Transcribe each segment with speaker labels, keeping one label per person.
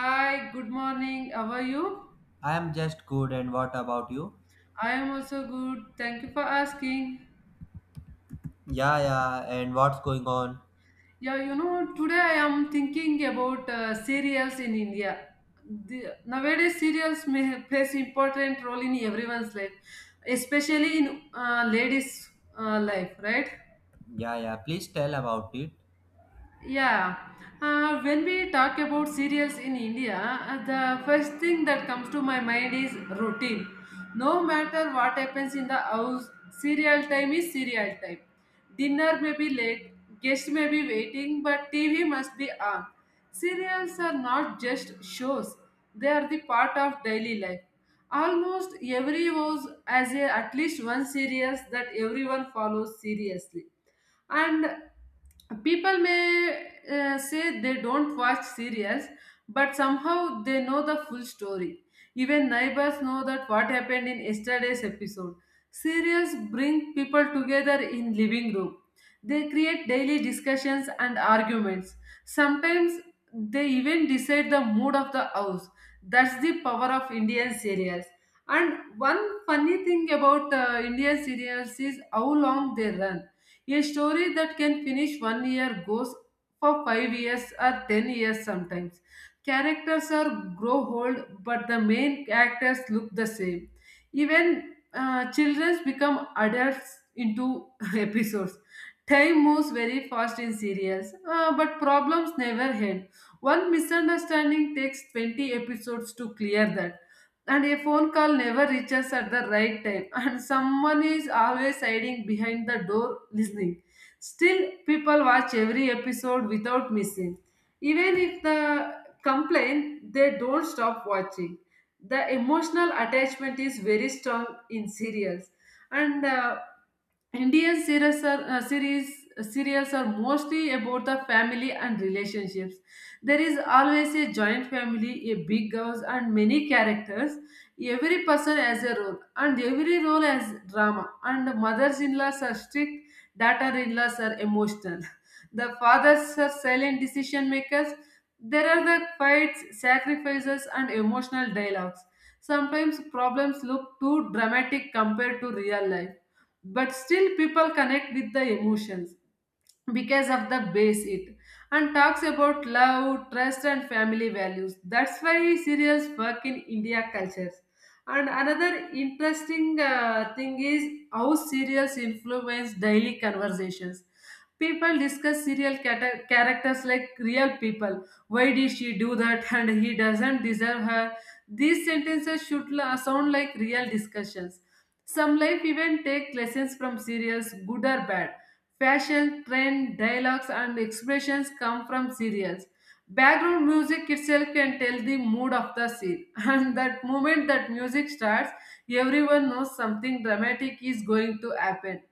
Speaker 1: Hi, good morning. How are you?
Speaker 2: I am just good, and what about you?
Speaker 1: I am also good. Thank you for asking.
Speaker 2: Yeah, yeah, and what's going on?
Speaker 1: Yeah, you know, today I am thinking about cereals in India. Nowadays, cereals plays important role in everyone's life, especially in ladies' life, right?
Speaker 2: Yeah, yeah, please tell about it.
Speaker 1: Yeah, when we talk about cereals in India, the first thing that comes to my mind is routine. No matter what happens in the house, cereal time is cereal time. Dinner may be late, guests may be waiting, but TV must be on. Cereals are not just shows, they are the part of daily life. Almost every house has a, at least one series that everyone follows seriously, and people may say they don't watch serials, but somehow they know the full story. Even neighbors know that what happened in yesterday's episode. Serials bring people together in living room. They create daily discussions and arguments. Sometimes they even decide the mood of the house. That's the power of Indian serials. And one funny thing about Indian serials is how long they run. A story that can finish one year goes for 5 years or 10 years sometimes. Characters are grow old, but the main characters look the same. Even children become adults into episodes. Time moves very fast in serials, but problems never end. One misunderstanding takes 20 episodes to clear that, and a phone call never reaches at the right time, and someone is always hiding behind the door listening. Still, people watch every episode without missing, even if the complain they don't stop watching. The emotional attachment is very strong in serials. And Indian series are, series serials are mostly about the family and relationships. There is always a joint family, a big house, and many characters. Every person has a role, and every role has drama. And mothers-in-laws are strict, daughter-in-laws are emotional. The fathers are silent decision makers. There are the fights, sacrifices, and emotional dialogues. Sometimes problems look too dramatic compared to real life, but still people connect with the emotions because of the base it, and talks about love, trust, and family values. That's why serials work in India cultures. And another interesting thing is how serials influence daily conversations. People discuss characters like real people. Why did she do that? And he doesn't deserve her. These sentences should sound like real discussions. Some life even take lessons from serials, good or bad. Fashion, trend, dialogues, and expressions come from serials. Background music itself can tell the mood of the scene, and that moment that music starts, everyone knows something dramatic is going to happen.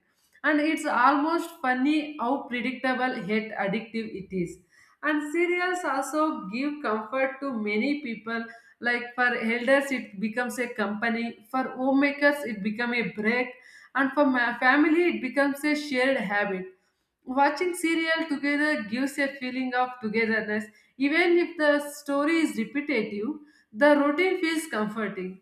Speaker 1: And it's almost funny how predictable yet addictive it is. And serials also give comfort to many people. Like for elders, it becomes a company. For homemakers, it becomes a break, and for my family, it becomes a shared habit. Watching serial together gives a feeling of togetherness. Even if the story is repetitive, the routine feels comforting,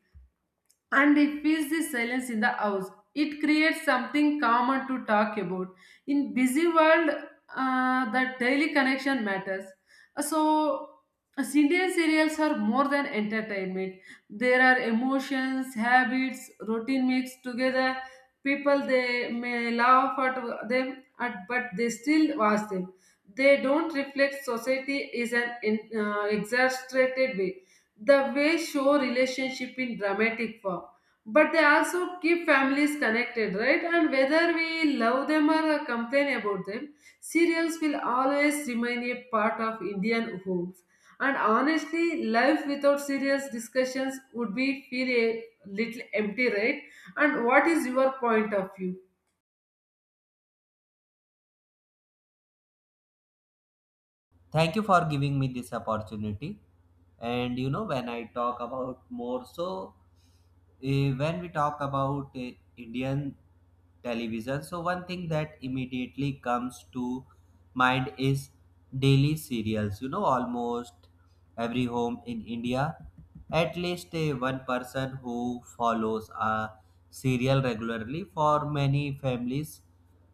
Speaker 1: and it fills the silence in the house. It creates something common to talk about. In busy world, the daily connection matters. So, as Indian serials are more than entertainment. There are emotions, habits, routine mixed together. People they may laugh at them, at, but they still watch them. They don't reflect society is an exaggerated way, the way show relationship in dramatic form, but they also keep families connected, right? And whether we love them or complain about them, serials will always remain a part of Indian homes. And honestly, life without serious discussions would be feel a little empty, right? And what is your point of view?
Speaker 2: Thank you for giving me this opportunity. And you know, when I talk about more, so when we talk about Indian television, so one thing that immediately comes to mind is daily serials, you know, almost every home in India, at least a one person who follows a serial regularly for many families.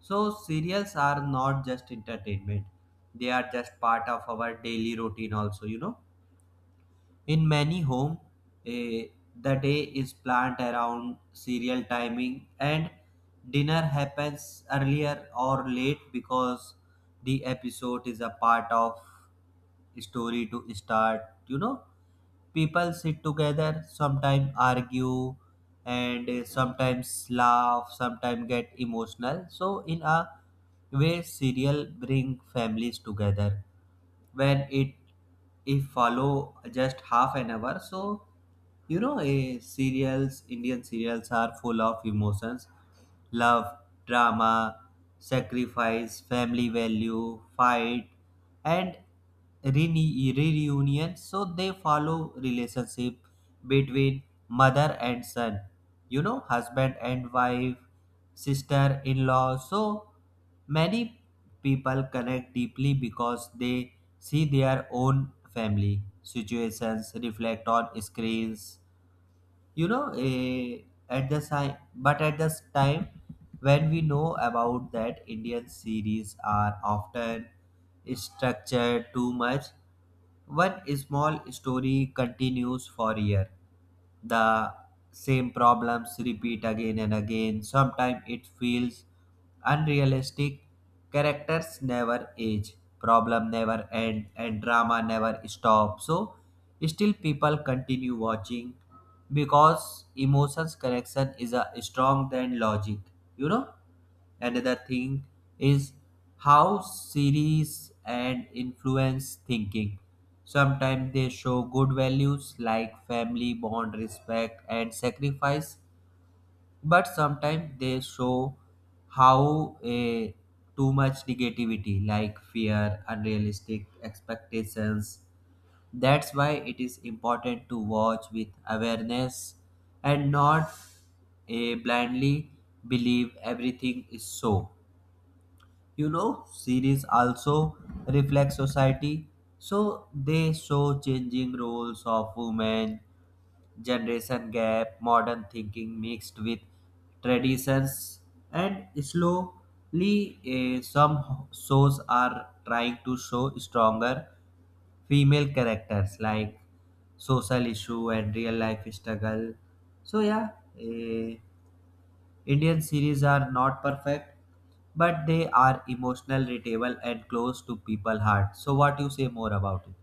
Speaker 2: So serials are not just entertainment. They are just part of our daily routine also, you know, in many homes, the day is planned around serial timing and dinner happens earlier or late because the episode is a part of story to start. You know, people sit together, sometimes argue and sometimes laugh, sometimes get emotional. So in a way, serial bring families together when it if follow just half an hour. So you know, serials, Indian serials are full of emotions, love, drama, sacrifice, family value, fight, and reunion, so they follow relationship between mother and son, you know, husband and wife, sister in law. So many people connect deeply because they see their own family situations reflect on screens. You know, at the time when we know about that, Indian series are often structured too much. One small story continues for year, the same problems repeat again and again. Sometimes it feels unrealistic. Characters never age, problem never end, and drama never stop. So, still people continue watching because emotions connection is a strong than logic. You know, another thing is how series and influence thinking. Sometimes they show good values like family, bond, respect, and sacrifice, but sometimes they show how a too much negativity like fear, unrealistic expectations. That's why it is important to watch with awareness and not blindly believe everything. Is so you know, series also reflect society, so they show changing roles of women, generation gap, modern thinking mixed with traditions. And slowly some shows are trying to show stronger female characters like social issue and real life struggle. So yeah, eh, Indian series are not perfect, but they are emotional, readable, and close to people's heart. So, what you say more about it?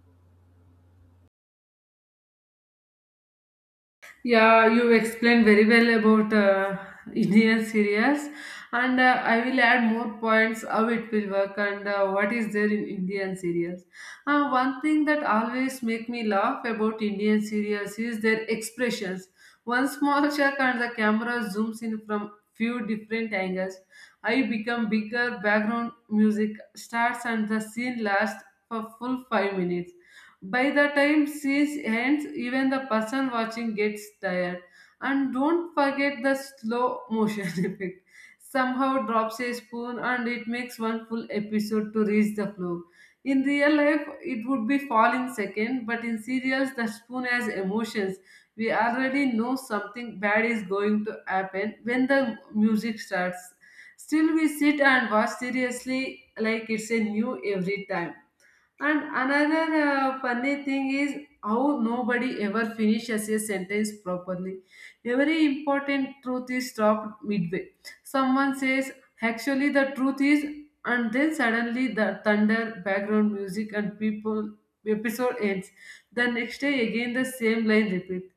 Speaker 1: Yeah, you explained very well about Indian serials, and I will add more points how it will work and what is there in Indian serials. One thing that always make me laugh about Indian serials is their expressions. One small check and the camera zooms in from few different angles. I become bigger, background music starts and the scene lasts for full 5 minutes. By the time siege ends, even the person watching gets tired. And don't forget the slow motion effect. Somehow drops a spoon and it makes one full episode to reach the floor. In real life, it would be falling second, but in serials, the spoon has emotions. We already know something bad is going to happen when the music starts. Still, we sit and watch seriously like it's a new every time. And another funny thing is how nobody ever finishes a sentence properly. Every important truth is stopped midway. Someone says, actually, the truth is, and then suddenly the thunder, background music, and people episode ends. The next day, again, the same line repeat.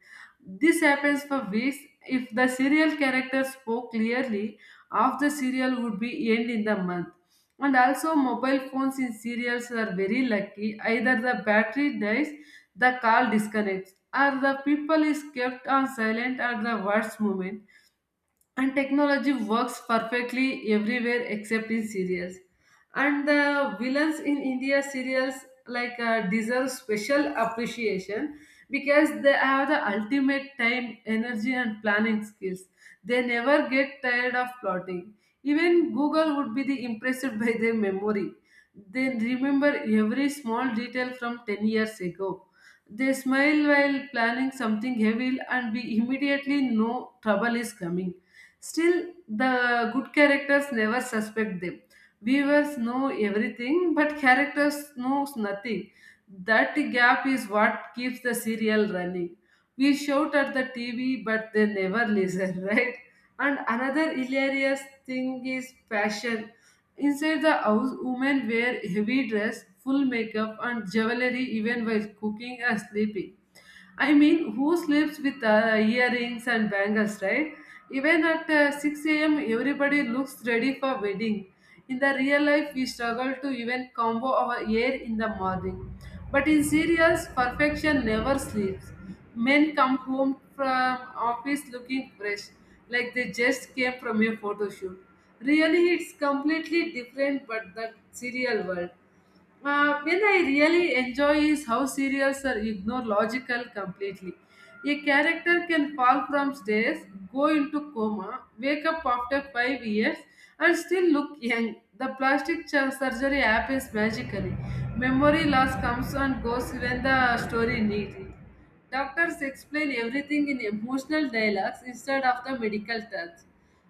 Speaker 1: This happens for weeks. If the serial character spoke clearly, half the serial would be end in the month. And also mobile phones in serials are very lucky. Either the battery dies, the call disconnects, or the people is kept on silent at the worst moment. And technology works perfectly everywhere except in serials. And the villains in India serials like deserve special appreciation because they have the ultimate time, energy, and planning skills. They never get tired of plotting. Even Google would be the impressed by their memory. They remember every small detail from 10 years ago. They smile while planning something heavy, and we immediately know trouble is coming. Still, the good characters never suspect them. Viewers know everything, but characters knows nothing. That gap is what keeps the serial running. We shout at the TV, but they never listen, right? And another hilarious thing is passion. Inside the house, women wear heavy dress, full makeup, and jewelry even while cooking and sleeping. I mean, who sleeps with earrings and bangles, right? Even at 6 a.m., everybody looks ready for wedding. In the real life, we struggle to even combo our hair in the morning. But in serials, perfection never sleeps. Men come home from office looking fresh, like they just came from a photo shoot. Really, it's completely different but the serial world when I really enjoy is how serials are ignore logical completely. A character can fall from stairs, go into coma, wake up after 5 years, and still look young. The plastic surgery happens magically. Memory loss comes and goes when the story needs it. Doctors explain everything in emotional dialogues instead of the medical terms.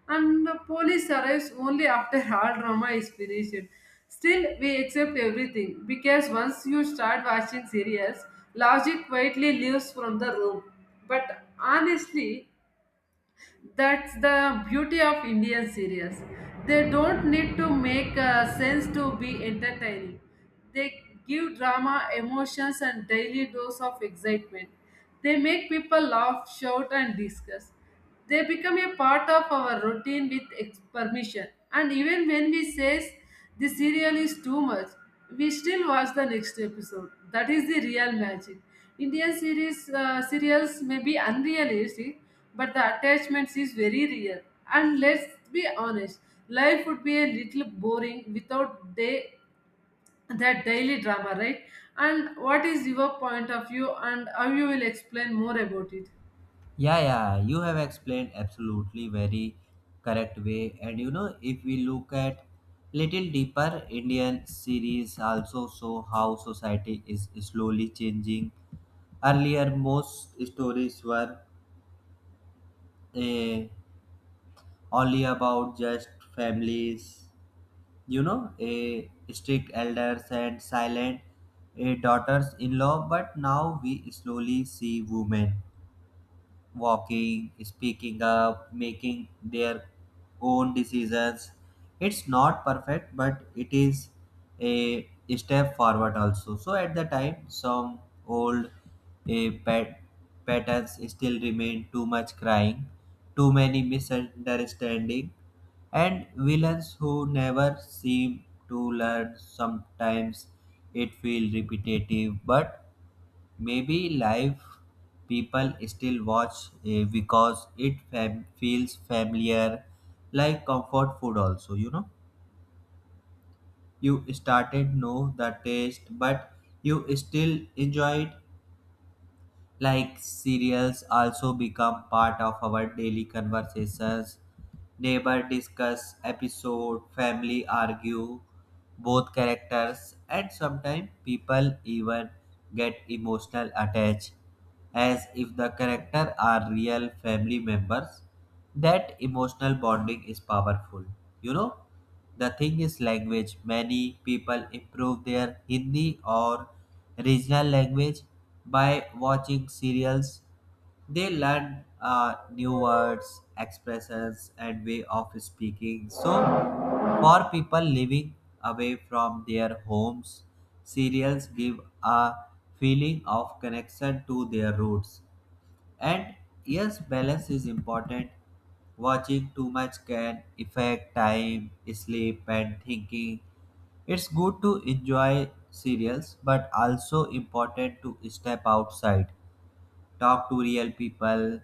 Speaker 1: And the police arrives only after all drama is finished. Still, we accept everything because once you start watching serials, logic quietly leaves from the room. But honestly, that's the beauty of Indian series. They don't need to make sense to be entertaining. They give drama, emotions, and daily dose of excitement. They make people laugh, shout, and discuss. They become a part of our routine with permission. And even when we say the serial is too much. We still watch the next episode. That is the real magic. Indian series serials may be unrealistic, but the attachments is very real. And let's be honest, life would be a little boring without day, that daily drama, right? And what is your point of view, and how you will explain more about it?
Speaker 2: Yeah, yeah, you have explained absolutely very correct way. And you know, if we look at little deeper, Indian series also show how society is slowly changing. Earlier, most stories were eh, only about just families, you know, a strict elders and silent a daughters in law, but now we slowly see women walking, speaking up, making their own decisions. It's not perfect, but it is a step forward also. So at the time, some old a pat- patterns still remain, too much crying, too many misunderstanding, and villains who never seem to learn. Sometimes it feels repetitive, but maybe live people still watch because it feels familiar, like comfort food, also. You know, you started know the taste, but you still enjoy it, like cereals also become part of our daily conversations. Neighbor discuss episode, family argue both characters, and sometimes people even get emotional attached as if the character are real family members. That emotional bonding is powerful, you know. The thing is language. Many people improve their Hindi or regional language by watching serials. They learn new words, expressions, and way of speaking. So, for people living away from their homes, serials give a feeling of connection to their roots. And yes, balance is important. Watching too much can affect time, sleep, and thinking. It's good to enjoy serials, but also important to step outside, talk to real people,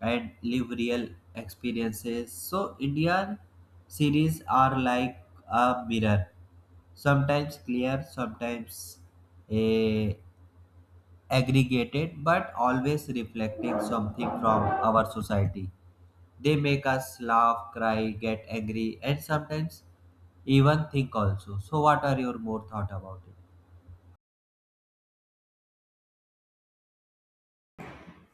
Speaker 2: and live real experiences. So, Indian series are like a mirror, sometimes clear, sometimes eh, aggregated, but always reflecting something from our society. They make us laugh, cry, get angry, and sometimes even think also. So, what are your more thought about it?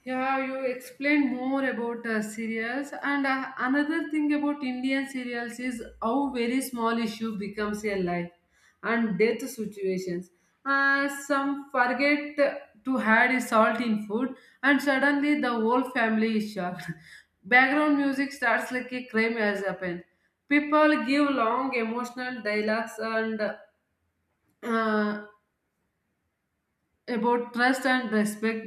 Speaker 1: Yeah, you explain more about cereals. And another thing about Indian cereals is how very small issue becomes a life and death situations. Some forget to add salt in food, and suddenly the whole family is shocked. Background music starts like a crime has happened. People give long emotional dialogues and uh, about trust and respect,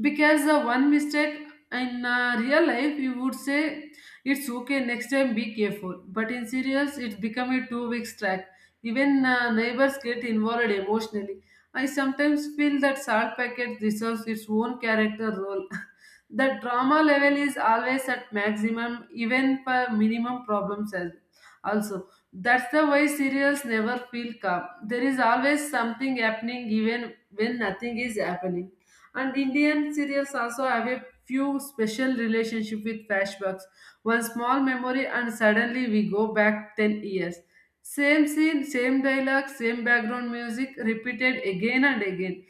Speaker 1: because one mistake in real life, you would say it's okay next time be careful, but in serials it's become a 2 weeks track. Even neighbors get involved emotionally. I sometimes feel that salt packet deserves its own character role. The drama level is always at maximum even for minimum problems as also. That's the why serials never feel calm. There is always something happening even when nothing is happening. And Indian serials also have a few special relationship with flashbacks. One small memory and suddenly we go back 10 years. Same scene, same dialogue, same background music repeated again and again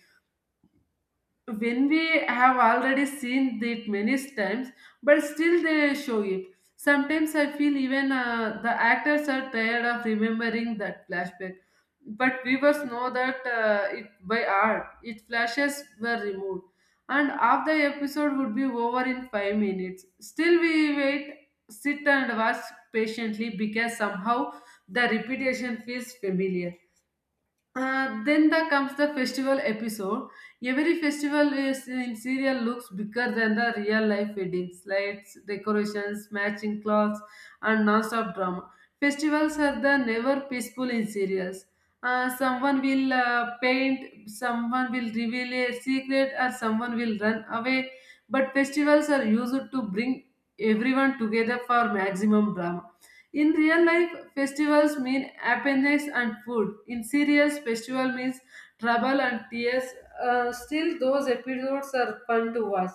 Speaker 1: when we have already seen it many times, but still they show it. Sometimes I feel even the actors are tired of remembering that flashback. But viewers know that it by art it flashes were removed and half the episode would be over in 5 minutes. Still we wait, sit and watch patiently because somehow the repetition feels familiar. Then the comes the festival episode. Every festival is in serial looks bigger than the real life weddings, lights, decorations, matching clothes, and non-stop drama. Festivals are the never peaceful in serials. Someone will paint, someone will reveal a secret, or someone will run away. But festivals are used to bring everyone together for maximum drama. In real life, festivals mean happiness and food. In serials, festival means trouble and tears. Still, those episodes are fun to watch.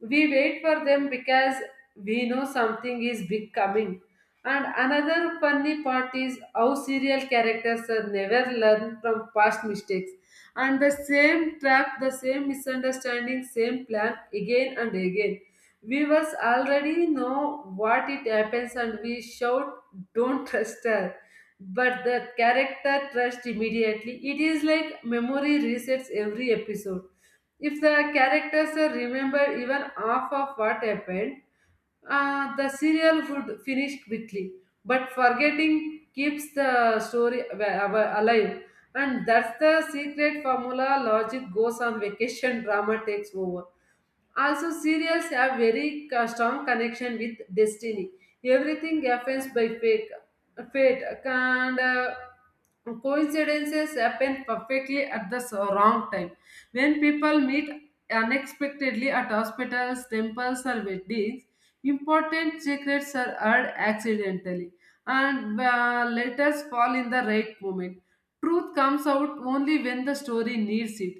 Speaker 1: We wait for them because we know something is big coming. And another funny part is how serial characters are never learn from past mistakes. And the same trap, the same misunderstanding, same plan again and again we was already know what it happens and we shout, don't trust her. But the character trust immediately. It is like memory resets every episode. If the characters are remembered even half of what happened, the serial would finish quickly. But forgetting keeps the story alive. And that's the secret formula logic goes on vacation, drama takes over. Also, serials have very strong connection with destiny. Everything happens by fate. Fate and coincidences happen perfectly at the wrong time. When people meet unexpectedly at hospitals, temples, or weddings, important secrets are heard accidentally, and letters fall in the right moment. Truth comes out only when the story needs it.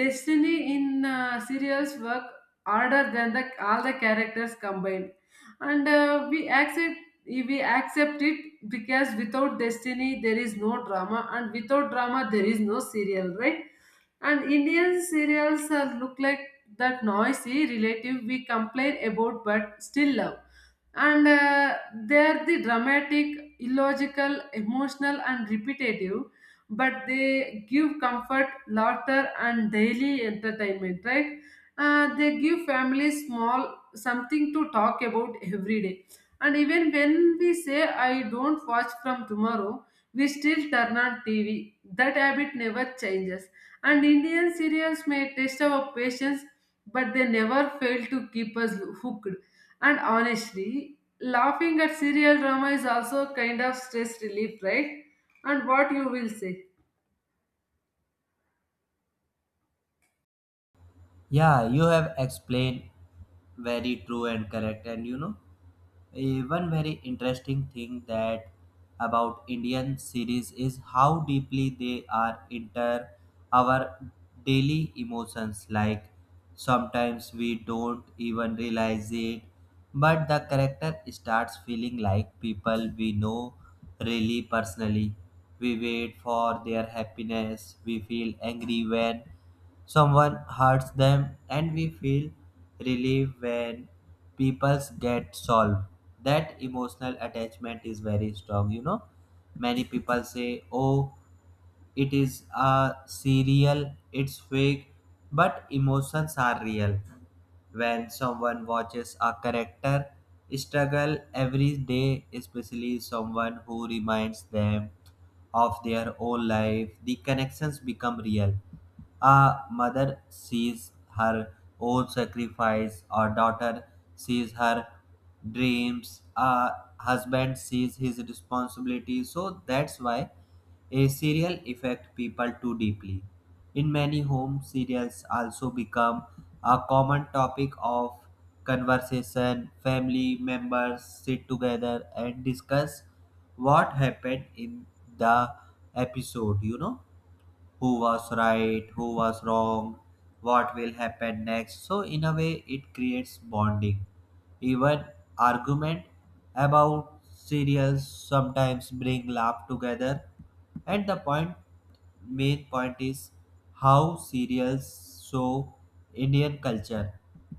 Speaker 1: Destiny in serials work harder than the all the characters combined, and we accept it because without destiny there is no drama, and without drama there is no serial, right? And Indian serials are look like that noisy relative we complain about but still love. And they are the dramatic, illogical, emotional, and repetitive, but they give comfort, laughter, and daily entertainment, right? They give families small something to talk about every day. And even when we say, I don't watch from tomorrow, we still turn on TV. That habit never changes. And Indian serials may test our patience, but they never fail to keep us hooked. And honestly, laughing at serial drama is also kind of stress relief, right? And what you will say?
Speaker 2: Yeah, you have explained very true and correct. And you know, a one very interesting thing that about Indian series is how deeply they are into our daily emotions. Like sometimes we don't even realize it, but the character starts feeling like people we know really personally. We wait for their happiness. We feel angry when someone hurts them, and we feel relief when people's get solved. That emotional attachment is very strong, you know. Many people say, oh, it is a serial, it's fake, but emotions are real. When someone watches a character struggle every day, especially someone who reminds them of their own life, the connections become real. A mother sees her own sacrifice, a daughter sees her dreams, a husband sees his responsibility. So that's why a serial affect people too deeply. In many homes, serials also become a common topic of conversation. Family members sit together and discuss what happened in the episode, you know, who was right, who was wrong, what will happen next. So, in a way, it creates bonding, even argument about serials sometimes bring laugh together. And the point, main point is how serials show Indian culture,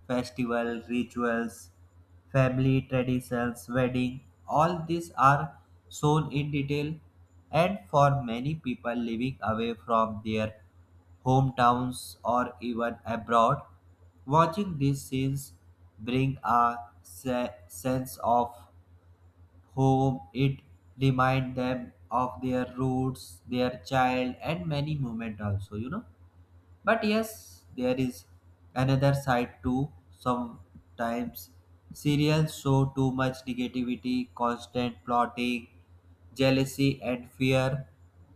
Speaker 2: festival rituals, family traditions, wedding. All these are shown in detail, and for many people living away from their hometowns, or even abroad, watching these scenes bring a sense of home. It reminds them of their roots, their child, and many moments also, you know. But yes, there is another side too. Sometimes serials show too much negativity, constant plotting, jealousy, and fear.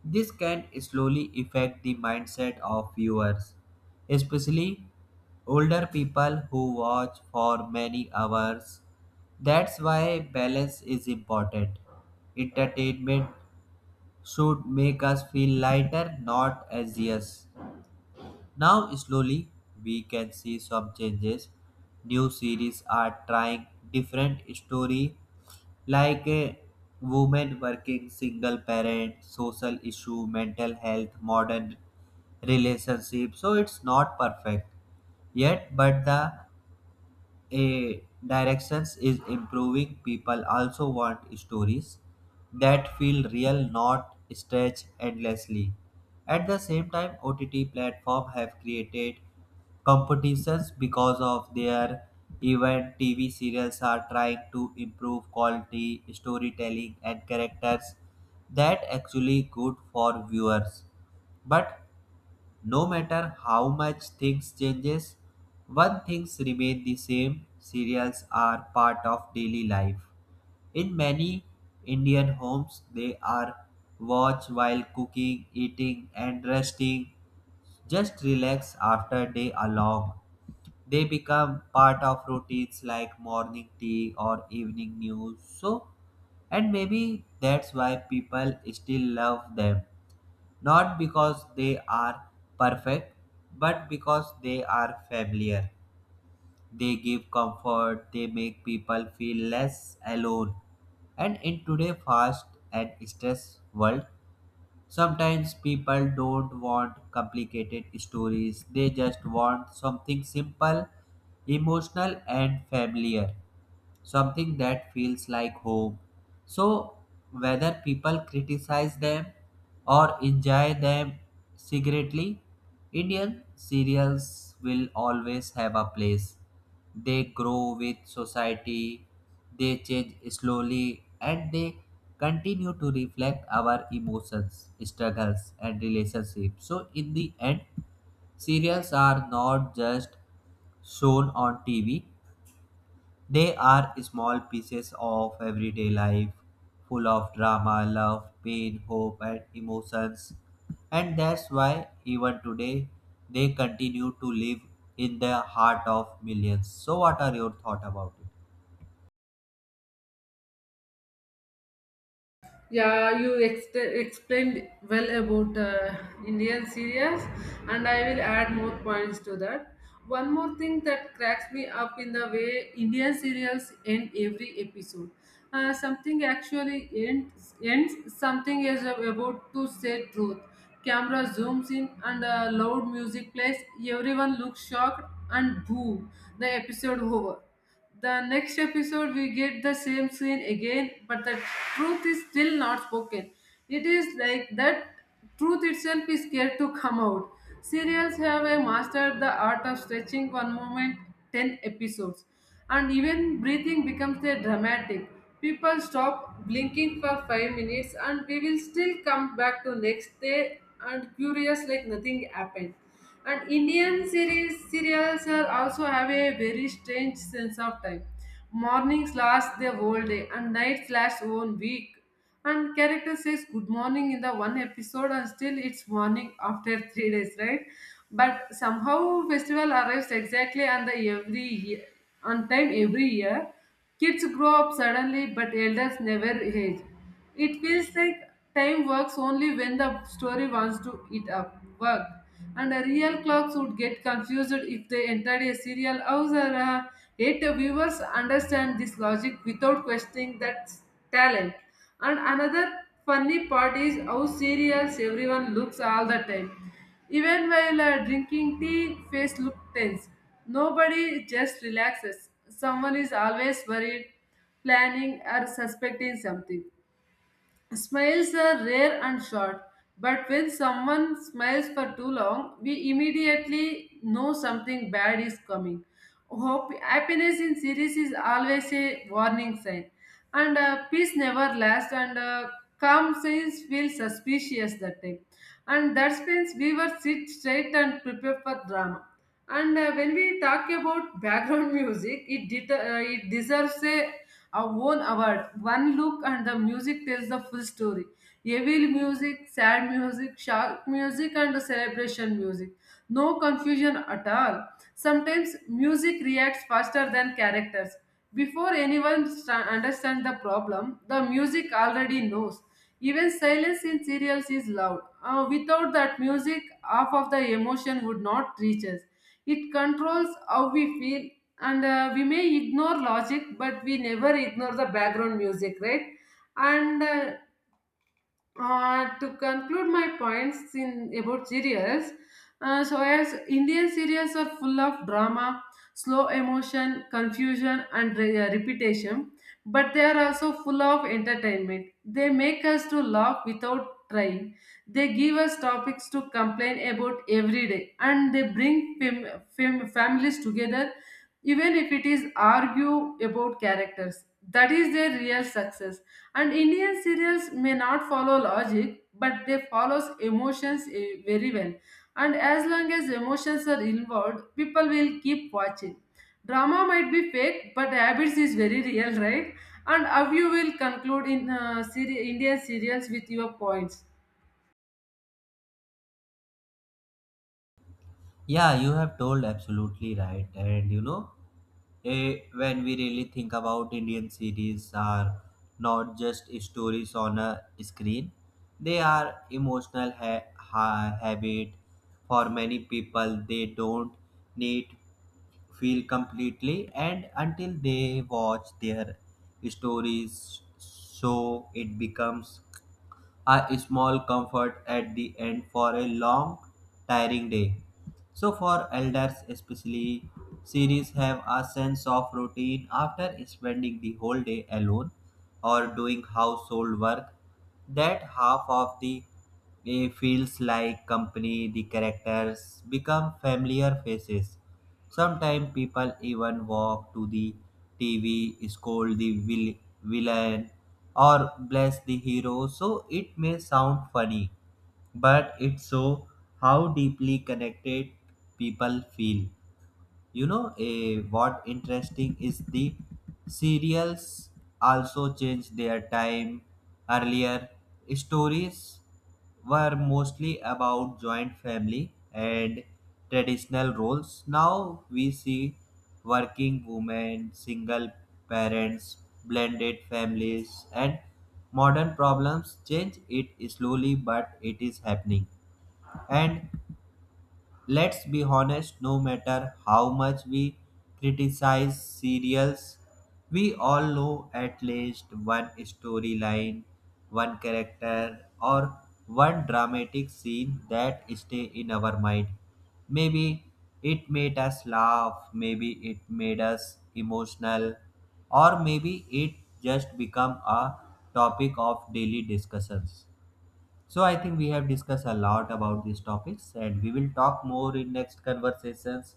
Speaker 2: This can slowly affect the mindset of viewers, especially older people who watch for many hours. That's why balance is important. Entertainment should make us feel lighter, not anxious. Now, slowly, we can see some changes. New series are trying different story, like a woman working, single parent, social issue, mental health, modern relationship. So it's not perfect yet, but the a directions is improving. People also want stories that feel real, not stretched endlessly. At the same time, OTT platform have created competitions because of their, even TV serials are trying to improve quality storytelling and characters that actually good for viewers. But no matter how much things changes, one things remain the same. Cereals are part of daily life. In many Indian homes, they are watched while cooking, eating, and resting. Just relax after day along. They become part of routines like morning tea or evening news. So, and maybe that's why people still love them, not because they are perfect, but because they are familiar. They give comfort, they make people feel less alone. And in today's fast and stress world, sometimes people don't want complicated stories, they just want something simple, emotional, and familiar, something that feels like home. So, whether people criticize them or enjoy them secretly, Indian cereals will always have a place. They grow with society, they change slowly, and they continue to reflect our emotions, struggles, and relationships. So, in the end, serials are not just shown on TV, they are small pieces of everyday life, full of drama, love, pain, hope, and emotions. And that's why, even today, they continue to live in the heart of millions. So, what are your thoughts about it?
Speaker 1: Yeah, you explained well about Indian series, and I will add more points to that. One more thing that cracks me up in the way Indian serials end every episode. Something actually something is about to say truth, camera zooms in and loud music plays. Everyone looks shocked and boom, the episode over. The next episode we get the same scene again, but the truth is still not spoken. It is like that truth itself is scared to come out. Serials have mastered the art of stretching one moment 10 episodes and even breathing becomes a dramatic. People stop blinking for 5 minutes and we will still come back to next day and curious like nothing happened. And Indian series serials are also have a very strange sense of time. Mornings last their whole day and nights last 1 week, and character says good morning in the one episode and still it's morning after 3 days, right? But somehow festival arrives exactly on the every year, on time every year. Kids grow up suddenly but elders never age. It feels like time works only when the story wants to eat up work, and the real clocks would get confused if they entered a serial house. Or eight viewers understand this logic without questioning that talent. And another funny part is how serious everyone looks all the time. Even while drinking tea, face look tense. Nobody just relaxes. Someone is always worried, planning or suspecting something. Smiles are rare and short, but when someone smiles for too long, we immediately know something bad is coming. Hope, happiness in series is always a warning sign, and peace never lasts, and calm signs feel suspicious that time, and that means we were sit straight and prepare for drama. And when we talk about background music it it deserves a own award. One look and the music tells the full story. Evil music, sad music, shock music, and celebration music, no confusion at all. Sometimes music reacts faster than characters. Before anyone understands the problem the music already knows. Even silence in serials is loud. Without that music, half of the emotion would not reach us. It controls how we feel, and we may ignore logic, but we never ignore the background music, right? And To conclude my points in about serials, so as Indian serials are full of drama, slow emotion, confusion, and repetition, but they are also full of entertainment. They make us to laugh without trying. They give us topics to complain about every day and they bring families together, even if it is argue about characters. That is their real success. And Indian serials may not follow logic, but they follows emotions eh, very well. And as long as emotions are involved, people will keep watching. Drama might be fake, but habits is very real, right? And how you will conclude in Indian serials with your points?
Speaker 2: Yeah, you have told absolutely right. And you know, when we really think about Indian series are not just stories on a screen, they are emotional habit. For many people, they don't need feel completely and until they watch their stories, so it becomes a small comfort at the end for a long, tiring day. So, for elders especially, series have a sense of routine after spending the whole day alone or doing household work. That half of the day feels like company, the characters become familiar faces. Sometimes people even walk to the TV, scold the villain, or bless the hero, so it may sound funny, but it shows how deeply connected people feel. You know, what interesting is the serials also changed their time. Earlier, stories were mostly about joint family and traditional roles. Now we see working women, single parents, blended families, and modern problems change it slowly, but it is happening. And let's be honest, no matter how much we criticize serials, we all know at least one storyline, one character, or one dramatic scene that stay in our mind. Maybe it made us laugh, maybe it made us emotional, or maybe it just become a topic of daily discussions. So I think we have discussed a lot about these topics and we will talk more in next conversations.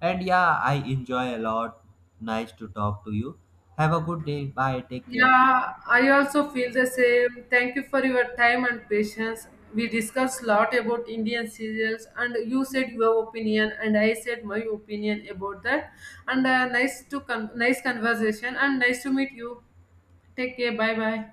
Speaker 2: And yeah, I enjoy a lot. Nice to talk to you. Have a good day. Bye. Take care.
Speaker 1: Yeah, I also feel the same. Thank you for your time and patience. We discussed a lot about Indian serials, and you said your opinion, and I said my opinion about that. And nice conversation, and nice to meet you. Take care. Bye bye.